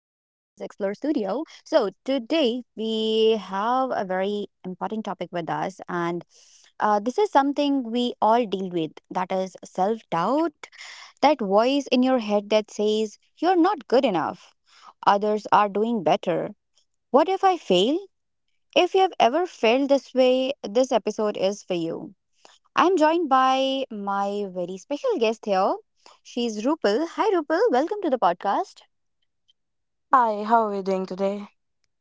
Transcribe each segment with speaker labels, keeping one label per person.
Speaker 1: Studio. So, today we have a very important topic with us, and this is something we all deal with that is self doubt, that voice in your head that says, You're not good enough, others are doing better. What if I fail? If have ever felt this way, this episode is for you. I'm joined by my very special guest here. She's Rupal. Hi, Rupal. Welcome to the podcast.
Speaker 2: Hi, how are we doing today?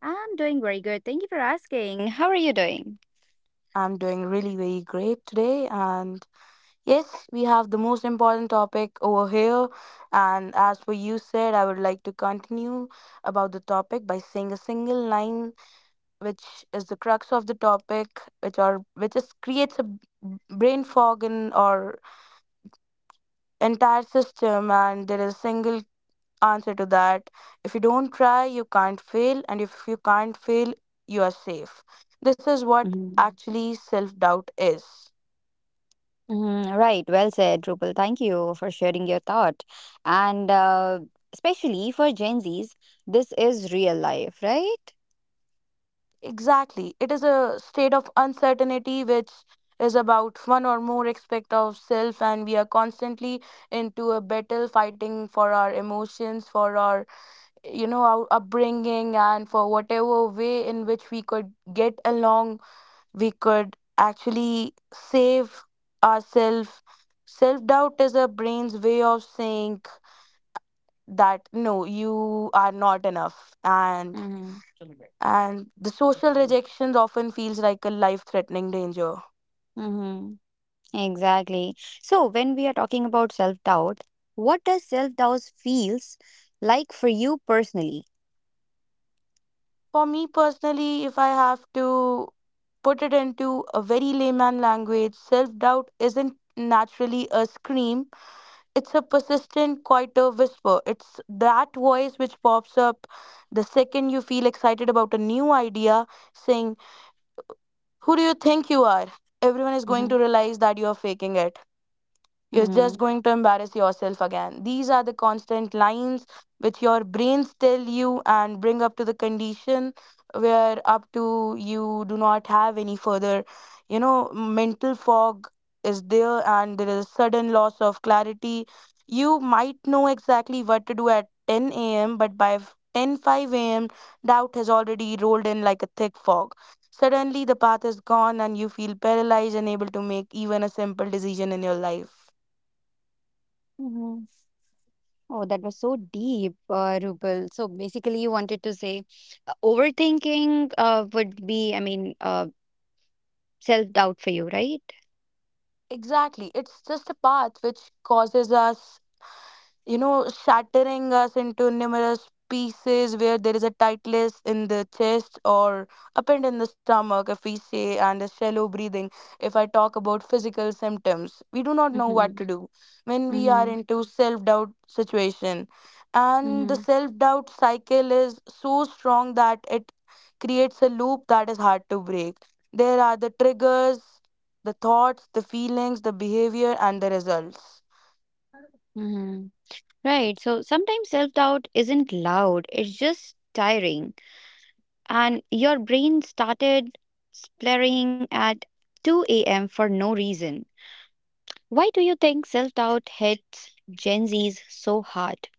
Speaker 1: I'm doing very good. Thank you for asking. How are you doing?
Speaker 2: I'm doing really, really great today. And yes, we have the most important topic over here. And as for you said, I would like to continue about the topic by saying a single line, which is the crux of the topic, which are which is creates a brain fog in our entire system. And there is a single answer to that. If you don't try, you can't fail, and if you can't fail, you are safe. This is what
Speaker 1: Mhm.
Speaker 2: actually self doubt is.
Speaker 1: Mhm. Right. Well said, Rupal. Thank you for sharing your thought. And Especially for Gen Zs, this is real life, right?
Speaker 2: Exactly. It is a state of uncertainty which is about one or more aspect of self, and we are constantly into a battle fighting for our emotions, for our, you know, our upbringing, and for whatever way in which we could get along, we could actually save ourselves. Self doubt is our brain's way of saying that no, you are not enough. And
Speaker 1: Mm-hmm.
Speaker 2: and the social rejection often feels like a life threatening danger.
Speaker 1: Mm-hmm. Exactly. So when we are talking about self-doubt, what does self-doubt feels like for you personally?
Speaker 2: For me personally, if I have to put it into a very layman language, self doubt isn't naturally a scream. It's a persistent, quieter whisper. It's that voice which pops up the second you feel excited about a new idea, saying, who do you think you are? Everyone is going
Speaker 1: Mm-hmm.
Speaker 2: to realize that you are faking it. You're just
Speaker 1: Mm-hmm.
Speaker 2: going to embarrass yourself again. These are the constant lines which your brains tell you and bring up to the condition where up to you do not have any further, you know, mental fog is there and there is a sudden loss of clarity. You might know exactly what to do at 10 a.m., but by ten five a.m., doubt has already rolled in like a thick fog. Suddenly, the path is gone, and you feel paralyzed, unable to make even a simple decision in your life.
Speaker 1: Mm-hmm. Oh, that was so deep, Rupal. So basically, you wanted to say overthinking would be, I mean, self-doubt for you, right?
Speaker 2: Exactly. It's just a path which causes us, you know, shattering us into numerous pieces where there is a tightness in the chest or a pit in the stomach, if we say, and a shallow breathing. If I talk about physical symptoms, we do not know what to
Speaker 1: Mm-hmm.
Speaker 2: do when we are
Speaker 1: Mm-hmm.
Speaker 2: into self doubt situation,
Speaker 1: Mm-hmm.
Speaker 2: and the self doubt cycle is so strong that it creates a loop that is hard to break. There are the triggers, the thoughts, the feelings, the behavior, and the results.
Speaker 1: Mm-hmm. Right. So sometimes self doubt isn't loud, it's just tiring. And your brain started splattering at 2 a.m. for no reason. Why do you think self doubt hits Gen Zs so hard?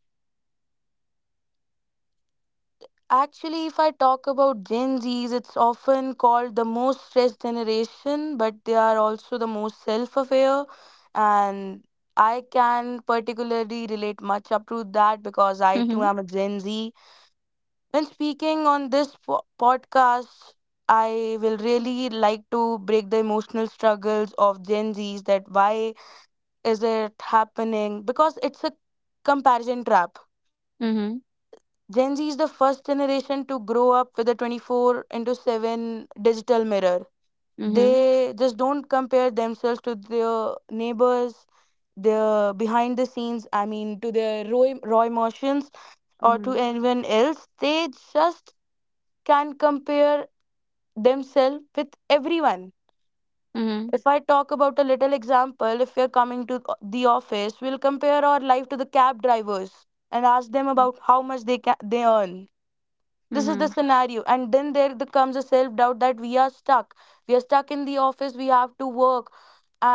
Speaker 2: Actually, if I talk about Gen Zs, it's often called the most stressed generation, but they are also the most self aware. And I can particularly relate much up to that because I too
Speaker 1: Mm-hmm.
Speaker 2: am a Gen Z. When speaking on this podcast, I will really like to break the emotional struggles of Gen Zs. That why is it happening? Because it's a comparison trap.
Speaker 1: Mm-hmm.
Speaker 2: Gen Z is the first generation to grow up with a 24 into 7 digital mirror.
Speaker 1: Mm-hmm.
Speaker 2: They just don't compare themselves to their neighbors, their behind the scenes, I mean, to their raw emotions or to
Speaker 1: Mm-hmm.
Speaker 2: anyone else. They just can compare themselves with everyone.
Speaker 1: Mm-hmm.
Speaker 2: If I talk about a little example, if we are coming to the office, we'll compare our life to the cab drivers and ask them about how much they they earn. This is the
Speaker 1: Mm-hmm.
Speaker 2: scenario, and then there comes a self doubt that we are stuck, we are stuck in the office, we have to work,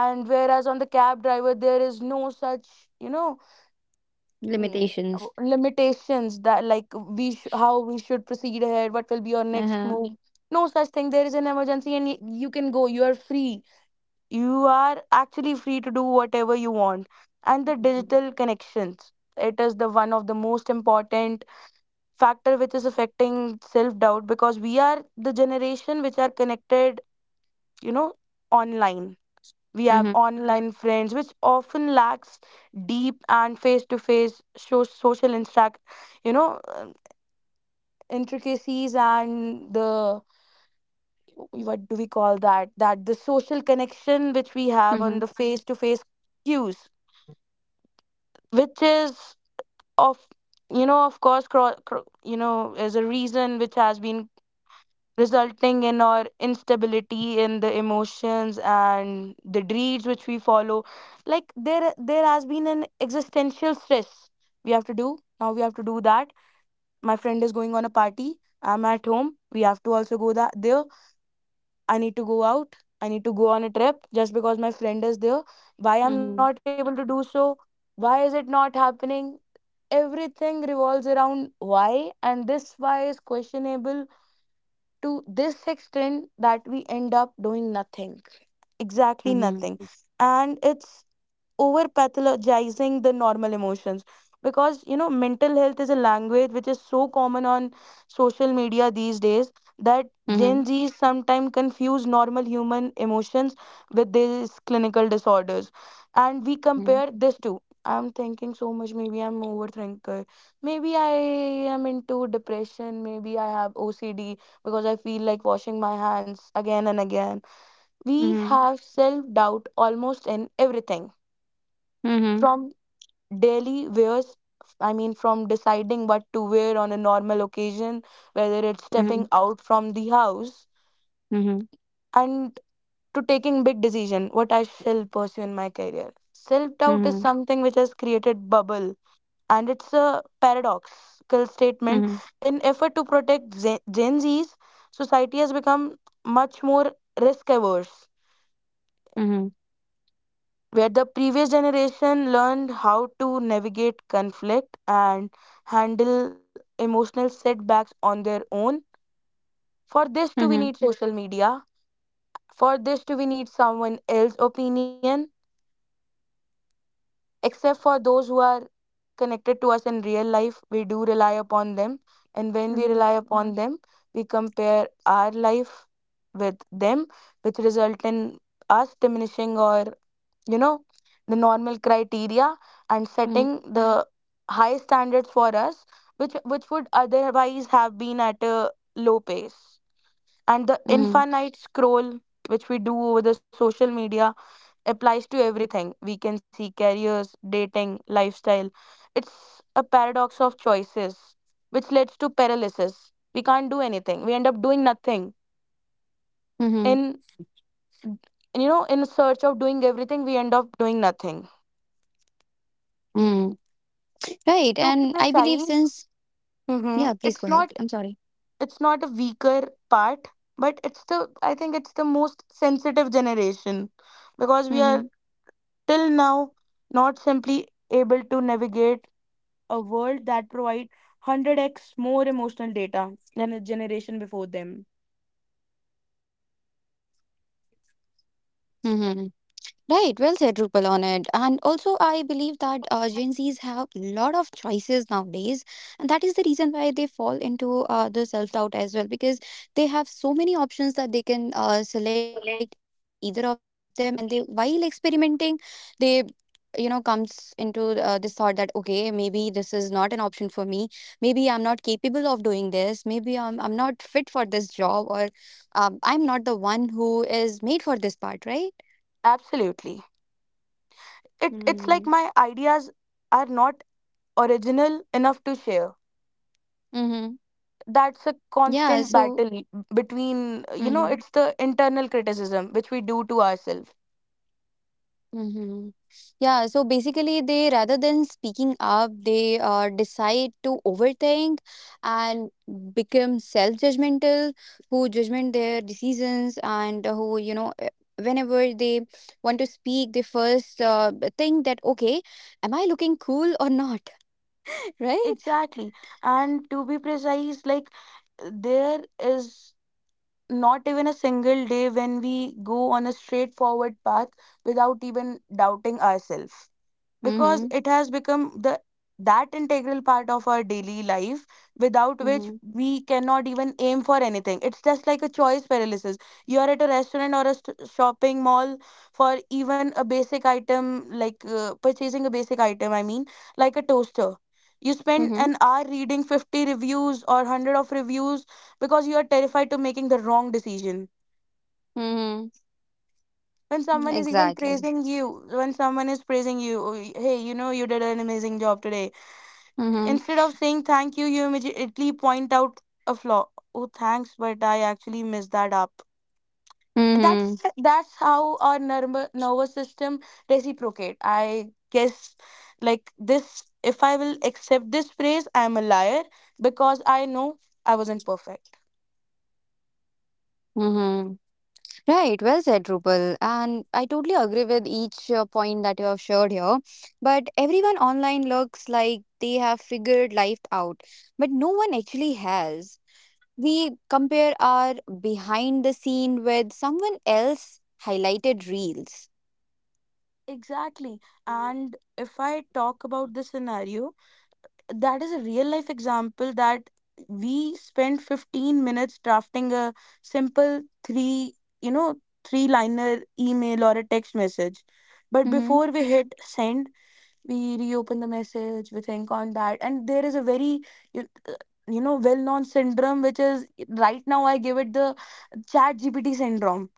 Speaker 2: and whereas on the cab driver there is no such, you know, mm,
Speaker 1: Limitations.
Speaker 2: limitations that like we how we should proceed ahead, what will be your next move.
Speaker 1: Uh-huh.
Speaker 2: No such thing. There is an emergency and you can go, you are free, you are actually free to do whatever you want. And the
Speaker 1: Mm-hmm.
Speaker 2: digital connections, it is the one of the most important factor which is affecting self doubt, because we are the generation which are connected, you know, online. We have
Speaker 1: Mm-hmm.
Speaker 2: online friends which often lacks deep and face to face social interact, you know, intricacies and the, what do we call that, that the social connection which we have
Speaker 1: Mm-hmm.
Speaker 2: on the face to face cues, which is of, you know, of course, you know, is a reason which has been resulting in our instability in the emotions and the dreads which we follow. Like there has been an existential stress. We have to do, now we have to do that. My friend is going on a party, I'm at home, we have to also go that there. I need to go out, I need to go on a trip just because my friend is there. Why I'm not
Speaker 1: Mm-hmm.
Speaker 2: able to do so? Why is it not happening? Everything revolves around why, and this why is questionable to this extent that we end up doing nothing, exactly nothing.
Speaker 1: Mm-hmm.
Speaker 2: And it's over pathologizing the normal emotions, because, you know, mental health is a language which is so common on social media these days, that
Speaker 1: Mm-hmm.
Speaker 2: Gen Z sometimes confuse normal human emotions with these clinical disorders. And we
Speaker 1: Mm-hmm.
Speaker 2: compare this to, I'm thinking so much, maybe I'm overthinker, maybe I am into depression, maybe I have OCD because I feel like washing my hands again and again. We
Speaker 1: Mm-hmm.
Speaker 2: have self doubt almost in everything,
Speaker 1: Mhm,
Speaker 2: from daily wears, I mean from deciding what to wear on a normal occasion, whether it's
Speaker 1: mhm,
Speaker 2: stepping out from the house,
Speaker 1: mhm,
Speaker 2: and to taking big decision what I shall pursue in my career. Self doubt is
Speaker 1: mhm,
Speaker 2: something which has created bubble, and it's a paradoxical statement.
Speaker 1: mhm,
Speaker 2: In effort to protect Gen Z's, society has become much more risk averse,
Speaker 1: mhm,
Speaker 2: where the previous generation learned how to navigate conflict and handle emotional setbacks on their own. For this too we
Speaker 1: mhm,
Speaker 2: need social media. For this too we need someone else's opinion. Except for those who are connected to us in real life, we do rely upon them. And when we
Speaker 1: mhm,
Speaker 2: rely upon them, we compare our life with them, which result in us diminishing or, you know, the normal criteria and
Speaker 1: mhm,
Speaker 2: setting the high standards for us, which would otherwise have been at a low pace. And the
Speaker 1: mhm,
Speaker 2: infinite scroll which we do over the social media applies to everything. We can see careers, dating, lifestyle. It's a paradox of choices, which leads to paralysis. We can't do anything. We end up doing nothing.
Speaker 1: mhm,
Speaker 2: In, you know, in search of doing everything, we end up doing nothing.
Speaker 1: mhm. Right,
Speaker 2: To be
Speaker 1: and I believe since
Speaker 2: precise,
Speaker 1: yeah, please
Speaker 2: it's
Speaker 1: go ahead.
Speaker 2: not
Speaker 1: I'm sorry.
Speaker 2: it's not a weaker part, but it's the, I think it's the most sensitive generation, because we are
Speaker 1: Mm-hmm.
Speaker 2: till now not simply able to navigate a world that provides 100x more emotional data than a generation before them.
Speaker 1: Mm-hmm. Right, well said, Rupal, on it. And also, I believe that Gen Zs a lot of choices nowadays, and that is the reason why they fall into the self doubt as well because they have so many options that they can select either of them, and they while experimenting, they you know comes into this thought that okay, maybe this is not an option for me, maybe I'm not capable of doing this, maybe I'm not fit for this job, or I'm not the one who is made for this part, right?
Speaker 2: Absolutely. It's
Speaker 1: Mhm.
Speaker 2: like my ideas are not original enough to share.
Speaker 1: Mhm.
Speaker 2: That's a
Speaker 1: Yeah,
Speaker 2: constant
Speaker 1: so
Speaker 2: battle between, you know,
Speaker 1: mhm.
Speaker 2: it's the internal criticism which we do to ourselves.
Speaker 1: Mhm. Yeah, so basically they rather than speaking up, they decide to overthink and become self-judgmental, who judgment their decisions and who, you know, whenever they want to speak, they first think that okay, am I looking cool or not, right?
Speaker 2: Exactly. And to be precise, like there is not even a single day when we go on a straightforward path without even doubting ourselves, because
Speaker 1: Mhm.
Speaker 2: it has become the, that integral part of our daily life, without which
Speaker 1: Mhm.
Speaker 2: we cannot even aim for anything. It's just like a choice paralysis. You are at a restaurant or a shopping mall for even a basic item, like purchasing a basic item, I mean like a toaster. You spend
Speaker 1: Mhm.
Speaker 2: an hour reading 50 reviews or 100 of reviews because you are terrified to making the wrong decision.
Speaker 1: Mhm.
Speaker 2: when someone is even
Speaker 1: Exactly.
Speaker 2: praising you when someone is praising you, "Oh, hey, you know, you did an amazing job today."
Speaker 1: Mhm.
Speaker 2: Instead of saying thank you, you immediately point out a flaw. Oh, thanks, but I actually messed that up.
Speaker 1: Mhm.
Speaker 2: That's how our nervous system reciprocate. I guess like this. If I will accept this praise, I am a liar because I know I wasn't perfect.
Speaker 1: Mhm. Right, well said, Rupal. And I totally agree with each point that you have shared here. But everyone online looks like they have figured life out, but no one actually has. We compare our behind the scene with someone else highlighted reels.
Speaker 2: Exactly. And if I talk about the scenario, that is a real life example, that we spent 15 minutes drafting a simple three, you know, three liner email or a text message. But
Speaker 1: Mm-hmm.
Speaker 2: before we hit send, we reopen the message, we think on that, and there is a very, you, you know, well known syndrome which is, right now I give it the chat gpt syndrome.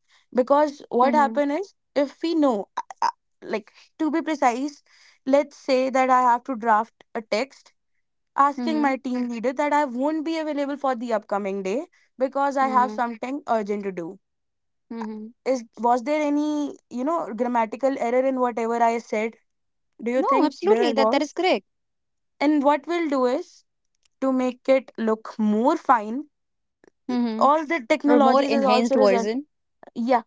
Speaker 2: Because what
Speaker 1: Mm-hmm.
Speaker 2: happen is, if we know, like, to be precise, let's say that I have to draft a text asking
Speaker 1: Mm-hmm.
Speaker 2: my team leader that I won't be available for the upcoming day because I have
Speaker 1: Mm-hmm.
Speaker 2: something urgent to do.
Speaker 1: Mm-hmm.
Speaker 2: Is, was there any, you know, grammatical error in whatever I said? Do you
Speaker 1: No,
Speaker 2: think
Speaker 1: absolutely.
Speaker 2: there
Speaker 1: That is
Speaker 2: was?
Speaker 1: correct.
Speaker 2: And what we'll do is to make it look more fine,
Speaker 1: Mm-hmm.
Speaker 2: all the
Speaker 1: Or more
Speaker 2: technologies is
Speaker 1: enhanced
Speaker 2: also result,
Speaker 1: version.
Speaker 2: yeah.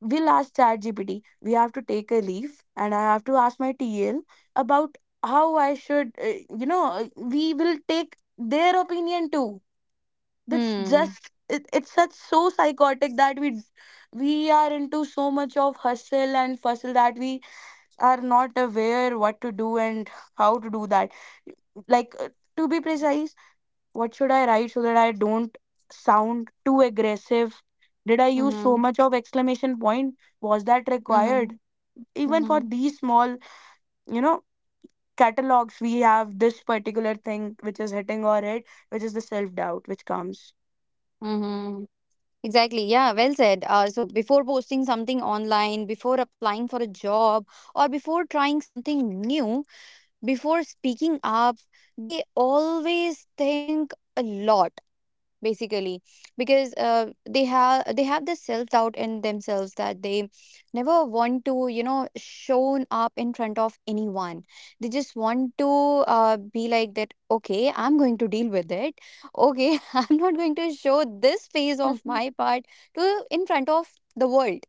Speaker 2: We'll ask ChatGPT. We have to take a leave, and I have to ask my TL about how I should, we will take their opinion too. That's
Speaker 1: Hmm.
Speaker 2: just it's such so psychotic that we are into so much of hustle and bustle that we are not aware what to do and how to do that. Like to be precise, what should I write so that I don't sound too aggressive? Did I use so
Speaker 1: Mm-hmm.
Speaker 2: much of exclamation point? Was that required,
Speaker 1: Mm-hmm.
Speaker 2: even for
Speaker 1: Mm-hmm.
Speaker 2: these small you know catalogs? We have this particular thing which is hitting our head, which is the self doubt which comes.
Speaker 1: Mm-hmm. Exactly. Yeah, well said. So before posting something online, before applying for a job, or before trying something new, before speaking up, they always think a lot basically because they have this self doubt in themselves that they never want to you know shown up in front of anyone, they just want to be like that okay I'm going to deal with it, okay, I'm not going to show this phase of
Speaker 2: Mhm.
Speaker 1: my part to in front of the world.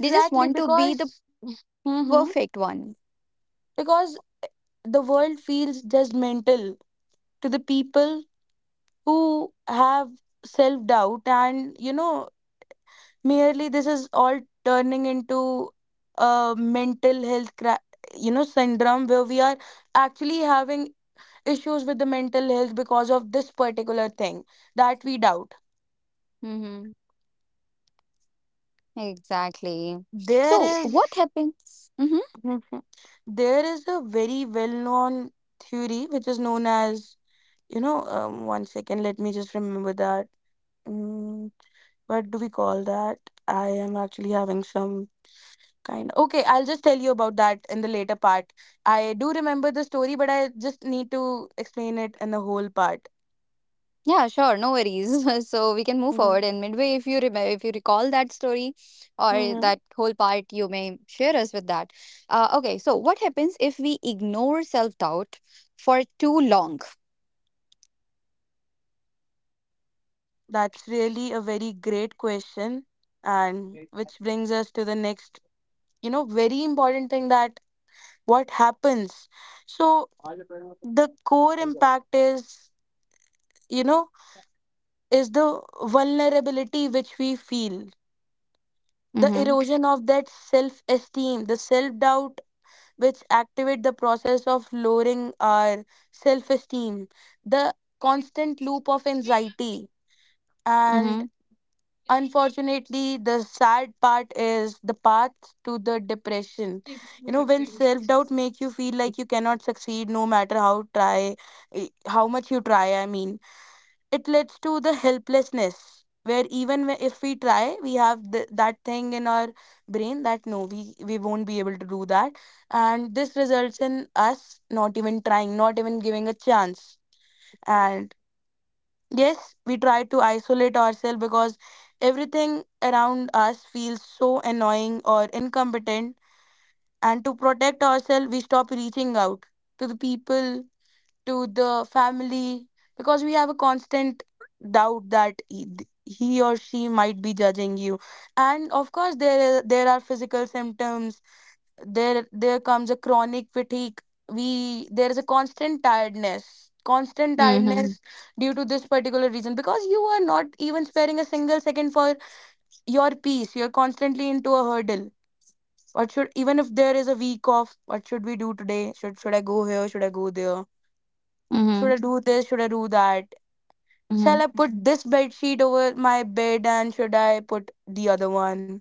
Speaker 1: They just want to be the
Speaker 2: because
Speaker 1: perfect one
Speaker 2: Mm-hmm. Because the world feels judgmental to the people who have self doubt, and merely this is all turning into a mental health, syndrome where we are actually having issues with the mental health because of this particular thing that we doubt.
Speaker 1: mm-hmm. Exactly.
Speaker 2: There
Speaker 1: So
Speaker 2: is,
Speaker 1: what happens? Mm-hmm.
Speaker 2: Mhm. There is a very well-known theory which is known as, one second, let me just remember that. Mm, what do we call that? I am actually having some kind. Okay, I'll just tell you about that in the later part. I do remember the story, but I just need to explain it in the whole part.
Speaker 1: Yeah, sure, no worries. So we can move forward.
Speaker 2: Mm-hmm.
Speaker 1: And midway, if you remember, if you recall that story or
Speaker 2: Mm-hmm.
Speaker 1: that whole part, you may share us with that. Okay, so what happens if we ignore self doubt for too long?
Speaker 2: That's really a very great question, and which brings us to the next, very important thing: that what happens. So the core impact is, you know, the vulnerability which we feel, the
Speaker 1: Mm-hmm.
Speaker 2: erosion of that self esteem, the self doubt which activate the process of lowering our self esteem, the constant loop of anxiety, and
Speaker 1: Mm-hmm.
Speaker 2: unfortunately the sad part is the path to the depression. When self doubt make you feel like you cannot succeed no matter how try, eh, how much you try, I mean, it leads to the helplessness where even if we try we have that thing in our brain that no, we won't be able to do that, and this results in us not even trying, not even giving a chance. And yes, we try to isolate ourselves because everything around us feels so annoying or incompetent, and to protect ourselves we stop reaching out to the people, to the family, because we have a constant doubt that he or she might be judging you. And of course, there are physical symptoms. There comes a chronic fatigue. We There is a constant tiredness, constant
Speaker 1: Mm-hmm.
Speaker 2: tiredness, due to this particular reason, because you are not even sparing a single second for your peace. You're constantly into a hurdle. What should Even if there is a week off, what should we do today? Should I go here? Should I go there?
Speaker 1: Mm-hmm.
Speaker 2: Should I do this? Should I do that?
Speaker 1: Mm-hmm.
Speaker 2: Shall I put this bed sheet over my bed, and should I put the other one?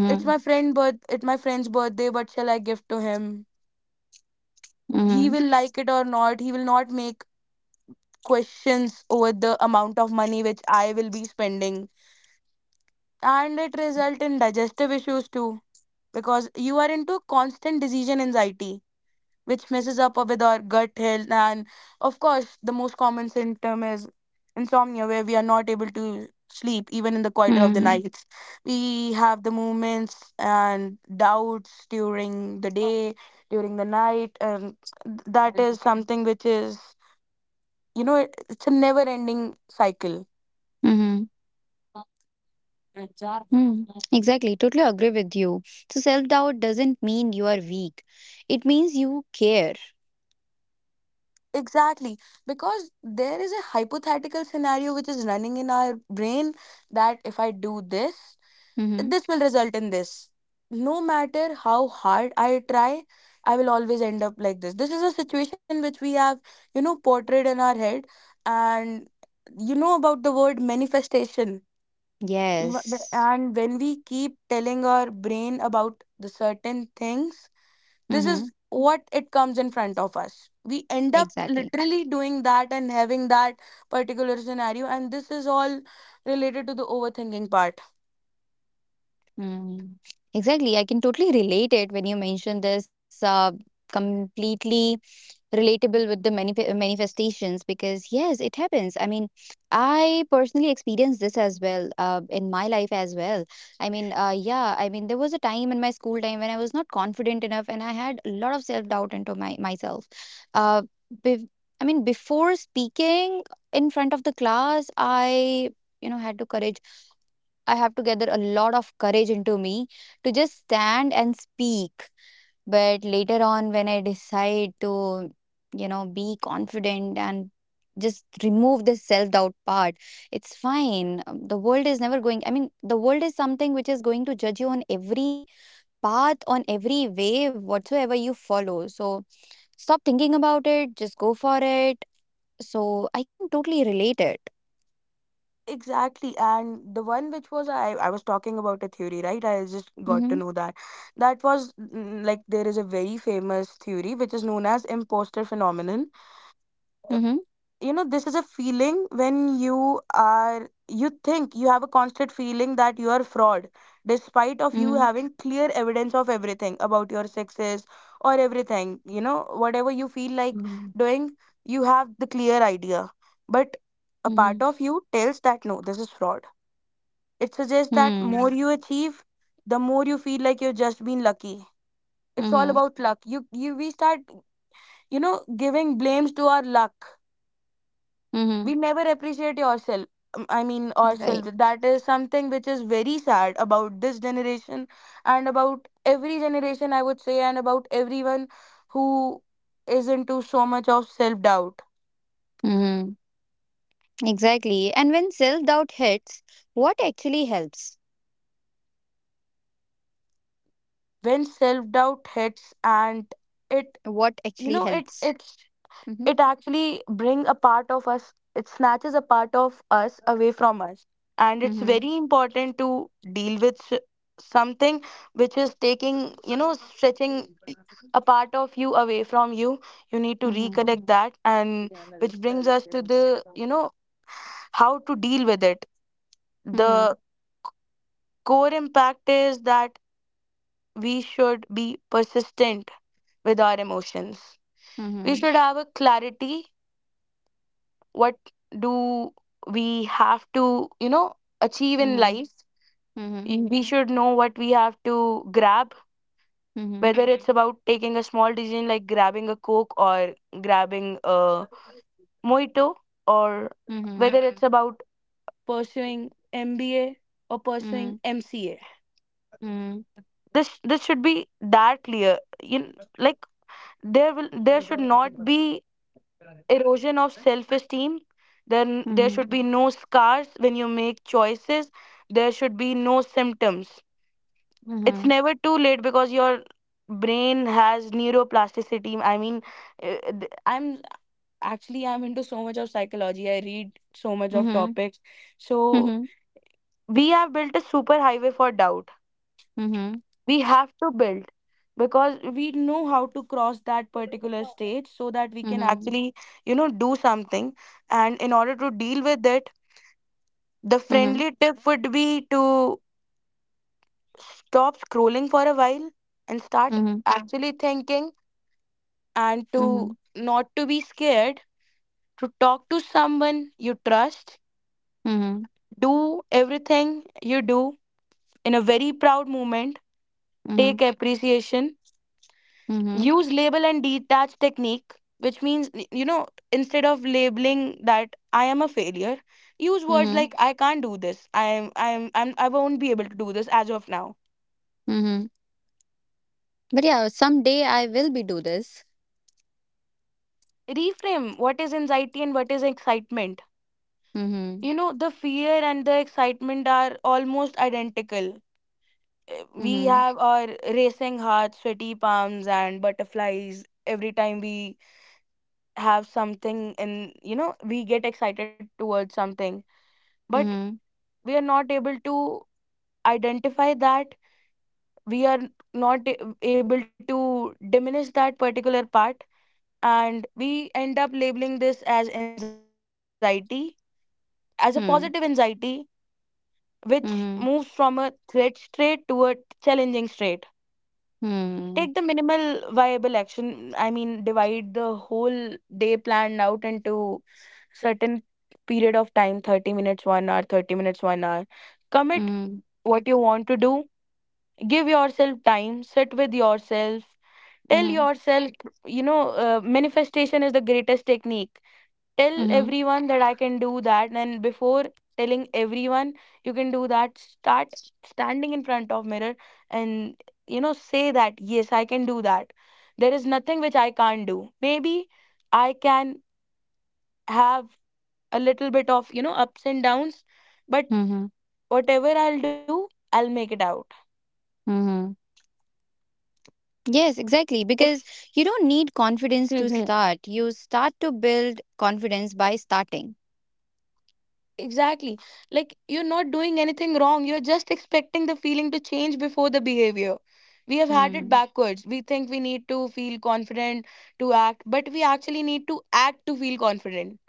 Speaker 2: It's my friend's birthday, what shall I give to him?
Speaker 1: Mm-hmm.
Speaker 2: He will like it or not. He will not make questions over the amount of money which I will be spending. And it result in digestive issues too, because you are into constant decision anxiety, which messes up with our gut health. And of course, the most common symptom is insomnia, where we are not able to sleep even in the quieter of the
Speaker 1: Mm-hmm.
Speaker 2: nights. We have the movements and doubts during the day, during the night, and that is something which is, it's a never ending cycle.
Speaker 1: Mm-hmm. Mm, exactly, totally agree with you. So self doubt doesn't mean you are weak; it means you care.
Speaker 2: Exactly, because there is a hypothetical scenario which is running in our brain that if I do this,
Speaker 1: Mm-hmm.
Speaker 2: this will result in this no matter how hard I try. I will always end up like this. This is a situation which we have, portrayed in our head. And you know about the word manifestation?
Speaker 1: Yes.
Speaker 2: And when we keep telling our brain about the certain things, this
Speaker 1: Mm-hmm.
Speaker 2: is what it comes in front of us. We end up
Speaker 1: Exactly.
Speaker 2: literally doing that and having that particular scenario, and this is all related to the overthinking part.
Speaker 1: Mm. Exactly. I can totally relate it when you mention this completely relatable with the many manifestations, because yes, it happens. I mean, I personally experienced this as well in my life as well. I mean, yeah, I mean, there was a time in my school time when I was not confident enough and I had a lot of self-doubt into my myself. Uh, be- I mean, before speaking in front of the class, I, you know, had to courage, I have to gather a lot of courage into me to just stand and speak. But later on, when I decide to, you know, be confident and just remove this self doubt part, it's fine. The world is never going, I mean, the world is something which is going to judge you on every path, on every way, whatsoever you follow. So stop thinking about it, just go for it. So I can totally relate it.
Speaker 2: Exactly, and the one which was I was talking about a theory, right? I just got to
Speaker 1: Mm-hmm.
Speaker 2: know that that was like there is a very famous theory which is known as imposter phenomenon.
Speaker 1: Mm-hmm.
Speaker 2: This is a feeling when you think you have a constant feeling that you are fraud, despite of
Speaker 1: Mm-hmm.
Speaker 2: you having clear evidence of everything about your success or everything. Whatever you feel like
Speaker 1: Mm-hmm.
Speaker 2: doing, you have the clear idea, but a
Speaker 1: Mm-hmm.
Speaker 2: part of you tells that no, this is fraud. It suggests that
Speaker 1: Hmm.
Speaker 2: more you achieve, the more you feel like you've just been lucky. It's all
Speaker 1: Mm-hmm.
Speaker 2: about luck. You we start giving blames to our luck.
Speaker 1: Mm-hmm.
Speaker 2: We never appreciate yourself. I mean
Speaker 1: Right.
Speaker 2: ourselves. That is something which is very sad about this generation, and about every generation I would say, and about everyone who is into so much of self doubt.
Speaker 1: Mm-hmm. Exactly. And when self doubt hits, what actually helps?
Speaker 2: When self doubt hits and it
Speaker 1: What
Speaker 2: you
Speaker 1: actually
Speaker 2: know it
Speaker 1: helps?
Speaker 2: it's
Speaker 1: Mm-hmm.
Speaker 2: it actually bring a part of us. It snatches a part of us away from us, and it's
Speaker 1: Mm-hmm.
Speaker 2: very important to deal with something which is taking, stretching a part of you away from you. You need to
Speaker 1: Mm-hmm.
Speaker 2: reconnect that, and which brings us to the, you know how to deal with it.
Speaker 1: Mm-hmm.
Speaker 2: The core impact is that we should be persistent with our emotions. We
Speaker 1: Mm-hmm.
Speaker 2: should have a clarity what do we have to, achieve in life.
Speaker 1: Mm-hmm.
Speaker 2: We should know what we have to grab,
Speaker 1: Mm-hmm.
Speaker 2: whether, mhm, it's about taking a small decision like grabbing a coke or grabbing a mojito, or
Speaker 1: Mm-hmm.
Speaker 2: whether, mhm, it's about pursuing MBA or pursuing
Speaker 1: Mm-hmm.
Speaker 2: MCA.
Speaker 1: Mm-hmm.
Speaker 2: This should be that clear, you know, like there should not be erosion of self esteem. Then there
Speaker 1: Mm-hmm.
Speaker 2: should be no scars when you make choices. There should be no symptoms. It's
Speaker 1: Mm-hmm.
Speaker 2: never too late because your brain has neuroplasticity. I mean, uh, th- I'm I'm into so much of psychology. I read so much of
Speaker 1: Mm-hmm.
Speaker 2: topics. So
Speaker 1: Mm-hmm.
Speaker 2: we have built a super highway for doubt.
Speaker 1: Mm-hmm.
Speaker 2: We have to build, because we know how to cross that particular
Speaker 1: Mhm,
Speaker 2: stage, so that we can
Speaker 1: mhm,
Speaker 2: actually do something. And in order to deal with it, the
Speaker 1: mhm,
Speaker 2: friendly tip would be to stop scrolling for a while and start
Speaker 1: mhm,
Speaker 2: actually thinking, and to not to be scared to talk to someone you trust.
Speaker 1: mhm,
Speaker 2: Do everything you do in a very proud moment, take
Speaker 1: mhm,
Speaker 2: appreciation,
Speaker 1: mhm,
Speaker 2: use label and detach technique, which means instead of labeling that I am a failure, use words
Speaker 1: mhm,
Speaker 2: like I can't do this, I won't be able to do this as of now.
Speaker 1: mhm. But yeah, someday I will be do this.
Speaker 2: Reframe what is anxiety and what is excitement.
Speaker 1: Mm-hmm.
Speaker 2: The fear and the excitement are almost identical. We
Speaker 1: Mm-hmm.
Speaker 2: have our racing hearts, sweaty palms and butterflies every time we have something, and we get excited towards something, but
Speaker 1: Mhm.
Speaker 2: we are not able to identify that. We are not able to diminish that particular part, and we end up labeling this as anxiety, as a positive
Speaker 1: Hmm.
Speaker 2: anxiety, which moves
Speaker 1: Mhm.
Speaker 2: from a threat state to a challenging state.
Speaker 1: Hmm.
Speaker 2: Take the minimal viable action. I mean, divide the whole day planned out into certain period of time: 30 minutes, 1 hour, 30 minutes, 1 hour. Commit
Speaker 1: Mhm.
Speaker 2: what you want to do, give yourself time, sit with yourself. Tell
Speaker 1: Mhm.
Speaker 2: yourself, manifestation is the greatest technique. Tell
Speaker 1: Mhm.
Speaker 2: everyone that I can do that, and before telling everyone you can do that, start standing in front of mirror, and say that yes, I can do that. There is nothing which I can't do. Maybe I can have a little bit of ups and downs, but
Speaker 1: Mhm.
Speaker 2: whatever I'll do, I'll make it out.
Speaker 1: Mhm. Yes, exactly.
Speaker 2: Ex-
Speaker 1: Because you don't need confidence to start. You start to build confidence by starting.
Speaker 2: Exactly. Like you're not doing anything wrong. You're just expecting the feeling to change before the behavior. We have had it
Speaker 1: Hmm.
Speaker 2: backwards. We think we need to feel confident to act, but we actually need to act to feel confident.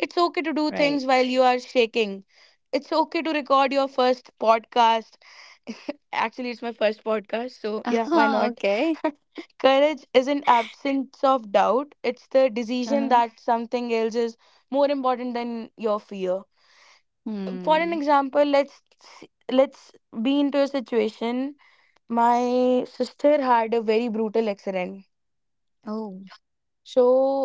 Speaker 2: It's okay to do
Speaker 1: Right.
Speaker 2: things while you are shaking. It's okay to record your first podcast. Actually, it's my first podcast, so yeah, why
Speaker 1: Uh-huh,
Speaker 2: not?
Speaker 1: okay.
Speaker 2: Courage isn't absence of doubt. It's the
Speaker 1: Uh-huh.
Speaker 2: decision that something else is more important than your fear. For an
Speaker 1: Hmm.
Speaker 2: example, let's be into a situation. My sister had a very brutal accident,
Speaker 1: Oh,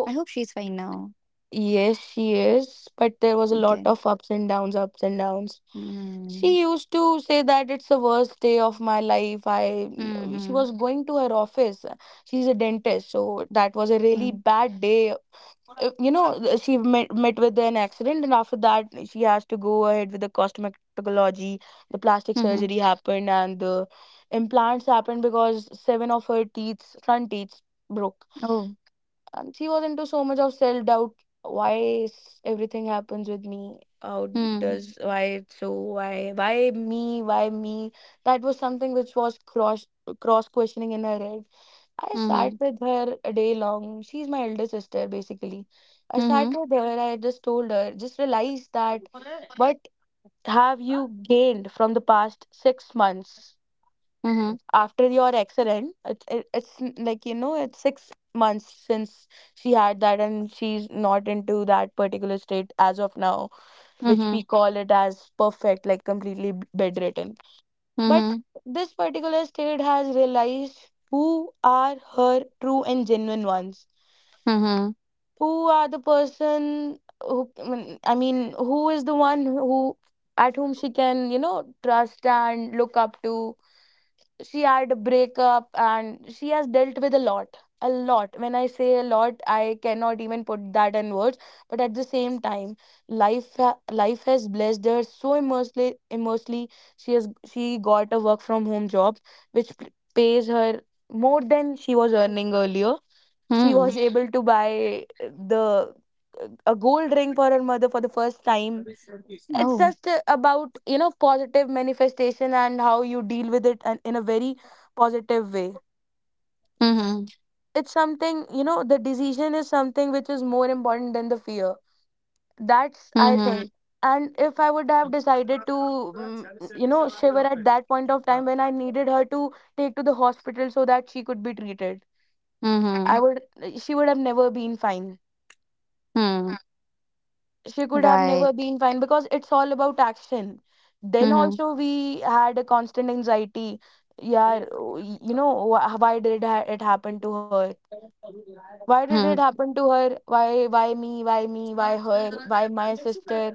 Speaker 1: I hope she's fine now.
Speaker 2: yes she is, but there was a lot
Speaker 1: Okay.
Speaker 2: of ups and downs.
Speaker 1: Hmm.
Speaker 2: She used to say that it's the worst day of my life. I she
Speaker 1: Mhm.
Speaker 2: was going to her office. She's a dentist, so that was a really
Speaker 1: Mhm.
Speaker 2: bad day. You know, she met with an accident, and after that she has to go ahead with the cosmetology. The plastic
Speaker 1: Mhm.
Speaker 2: surgery happened and the implants happened because seven of her teeth, front teeth, broke.
Speaker 1: Oh.
Speaker 2: And she was into so much of self doubt. Why is everything happens with me? How
Speaker 1: Hmm.
Speaker 2: does, why it's so, why me? That was something which was cross questioning in her head. I sat
Speaker 1: Mhm.
Speaker 2: with her a day long. She's my elder sister, basically. I sat
Speaker 1: Mhm.
Speaker 2: with her. I just told her, just realized that, what have you gained from the past 6 months
Speaker 1: Mhm.
Speaker 2: after your accident? It's, it, it's n- Like, you know, it's 6 months since she had that, and she's not into that particular state as of now, which we
Speaker 1: Mhm.
Speaker 2: call it as perfect, like completely bedridden. But
Speaker 1: Mhm.
Speaker 2: this particular state has realized who are her true and genuine ones.
Speaker 1: Mhm.
Speaker 2: Who are the person who, I mean, who is the one who, at whom she can, you know, trust and look up to. She had a breakup and she has dealt with a lot. When I say a lot, I cannot even put that in words. But at the same time, life has blessed her so immensely. Immensely, she has she got a work from home job which pays her more than she was earning earlier. She was
Speaker 1: Hmm.
Speaker 2: able to buy the a gold ring for her mother for the first time. It's
Speaker 1: Oh.
Speaker 2: just about, you know, positive manifestation and how you deal with it, and in a very positive way.
Speaker 1: Mhm.
Speaker 2: It's something, you know, the decision is something which is more important than the fear. That's, I
Speaker 1: Mhm.
Speaker 2: think. And if I would have decided to, you know, shiver at that point of time when I needed her to take to the hospital so that she could be treated, I
Speaker 1: Mhm.
Speaker 2: would, she would have never been fine.
Speaker 1: Hmm.
Speaker 2: She could have never
Speaker 1: Right.
Speaker 2: been fine, because it's all about action. Then
Speaker 1: Mhm.
Speaker 2: also we had a constant anxiety, yeah. You know, why did it happen to her? Why did it
Speaker 1: Mhm.
Speaker 2: happen to her? Why me, why her, why my sister?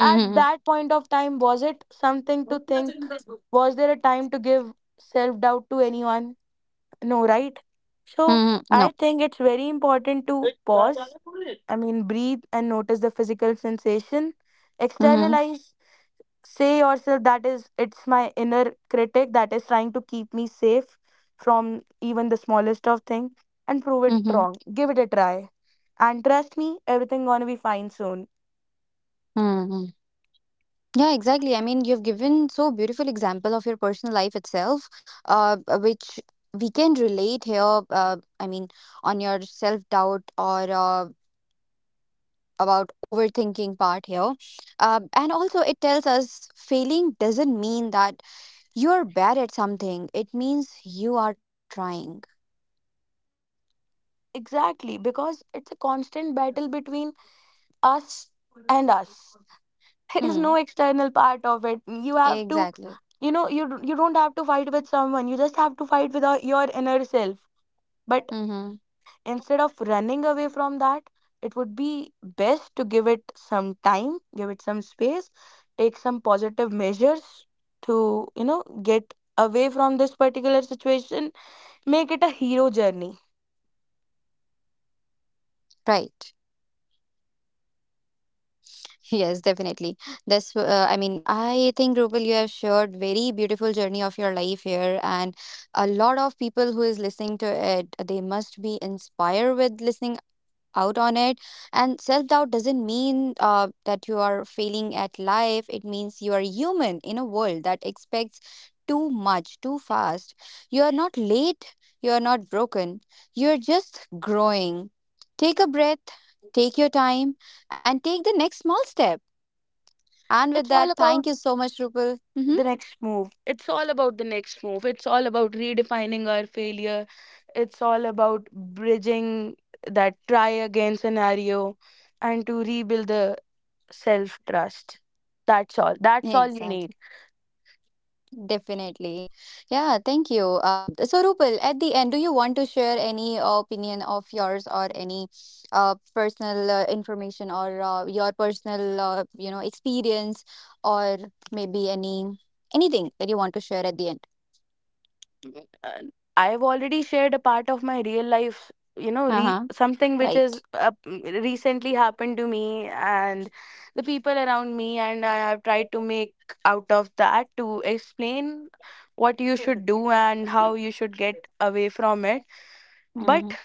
Speaker 2: At
Speaker 1: Mhm.
Speaker 2: that point of time, was it something to think? Was there a time to give self doubt to anyone? No, right? So
Speaker 1: Mhm. No.
Speaker 2: I think it's very important to pause, I mean, breathe and notice the physical sensation.
Speaker 1: Mhm.
Speaker 2: Externalize, say yourself that is, it's my inner critic that is trying to keep me safe from even the smallest of thing, and prove it
Speaker 1: Mhm.
Speaker 2: wrong. Give it a try. And trust me, everything gonna be fine soon.
Speaker 1: Mhm. Yeah, exactly. I mean, you've given so beautiful example of your personal life itself, which we can relate here. I mean, on your self doubt or about overthinking part here, and also it tells us failing doesn't mean that you're bad at something. It means you are trying.
Speaker 2: Exactly, because it's a constant battle between us and us.
Speaker 1: Hmm.
Speaker 2: there is no external part of it. You have
Speaker 1: Exactly.
Speaker 2: to, you know, you don't have to fight with someone, you just have to fight with your inner self. But
Speaker 1: Mm-hmm.
Speaker 2: instead of running away from that, it would be best to give it some time, give it some space, take some positive measures to, you know, get away from this particular situation. Make it a hero journey.
Speaker 1: Right. Yes, definitely. That's. I mean, I think Rupal, you have shared very beautiful journey of your life here, and a lot of people who is listening to it, they must be inspired with listening out on it. And self doubt doesn't mean that you are failing at life, it means you are human in a world that expects too much too fast. You are not late, you are not broken, you're just growing. Take a breath, take your time, and take the next small step. And with
Speaker 2: It's all
Speaker 1: that,
Speaker 2: about
Speaker 1: thank you so much, Rupal. Hmm,
Speaker 2: the next move. It's all about the next move. It's all about redefining our failure. It's all about bridging that try again scenario, and to rebuild the self trust. That's all. That's all you
Speaker 1: exactly.
Speaker 2: need.
Speaker 1: Definitely. Yeah, thank you. So, Rupal, at the end, do you want to share any opinion of yours, or any personal information, or your personal, you know, experience, or maybe any anything that you want to share at the end?
Speaker 2: uh, I've already shared a part of my real life, you know,
Speaker 1: Uh-huh.
Speaker 2: something which is
Speaker 1: Right.
Speaker 2: recently happened to me and the people around me, and I have tried to make out of that to explain what you should do and how you should get away from it. But
Speaker 1: Mm-hmm.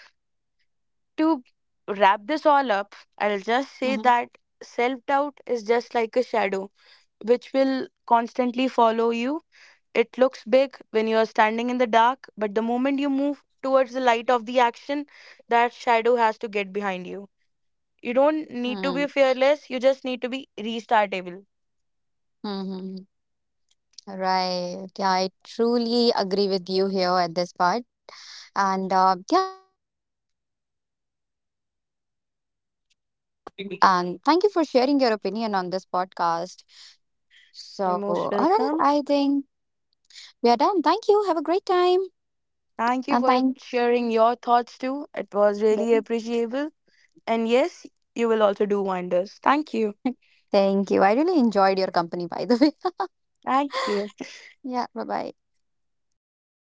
Speaker 2: to wrap this all up, I'll just say
Speaker 1: Mm-hmm.
Speaker 2: that self doubt is just like a shadow which will constantly follow you. It looks big when you are standing in the dark, but the moment you move towards the light of the action, that shadow has to get behind you. You don't need to
Speaker 1: Mm-hmm.
Speaker 2: be fearless, you just need to be restartable.
Speaker 1: Mm-hmm. Right. Yeah, I truly agree with you here at this part. And uh, And thank you for sharing your opinion on this podcast. So,
Speaker 2: You're
Speaker 1: all
Speaker 2: most
Speaker 1: right,
Speaker 2: welcome.
Speaker 1: I think we are done. Thank you. Have a great time.
Speaker 2: Thank you
Speaker 1: And
Speaker 2: for
Speaker 1: thank,
Speaker 2: sharing your thoughts too. It was really appreciable. And yes, you will also do wonders. Thank you.
Speaker 1: Thank you. I really enjoyed your company, by the way.
Speaker 2: Thank you.
Speaker 1: Yeah, bye bye.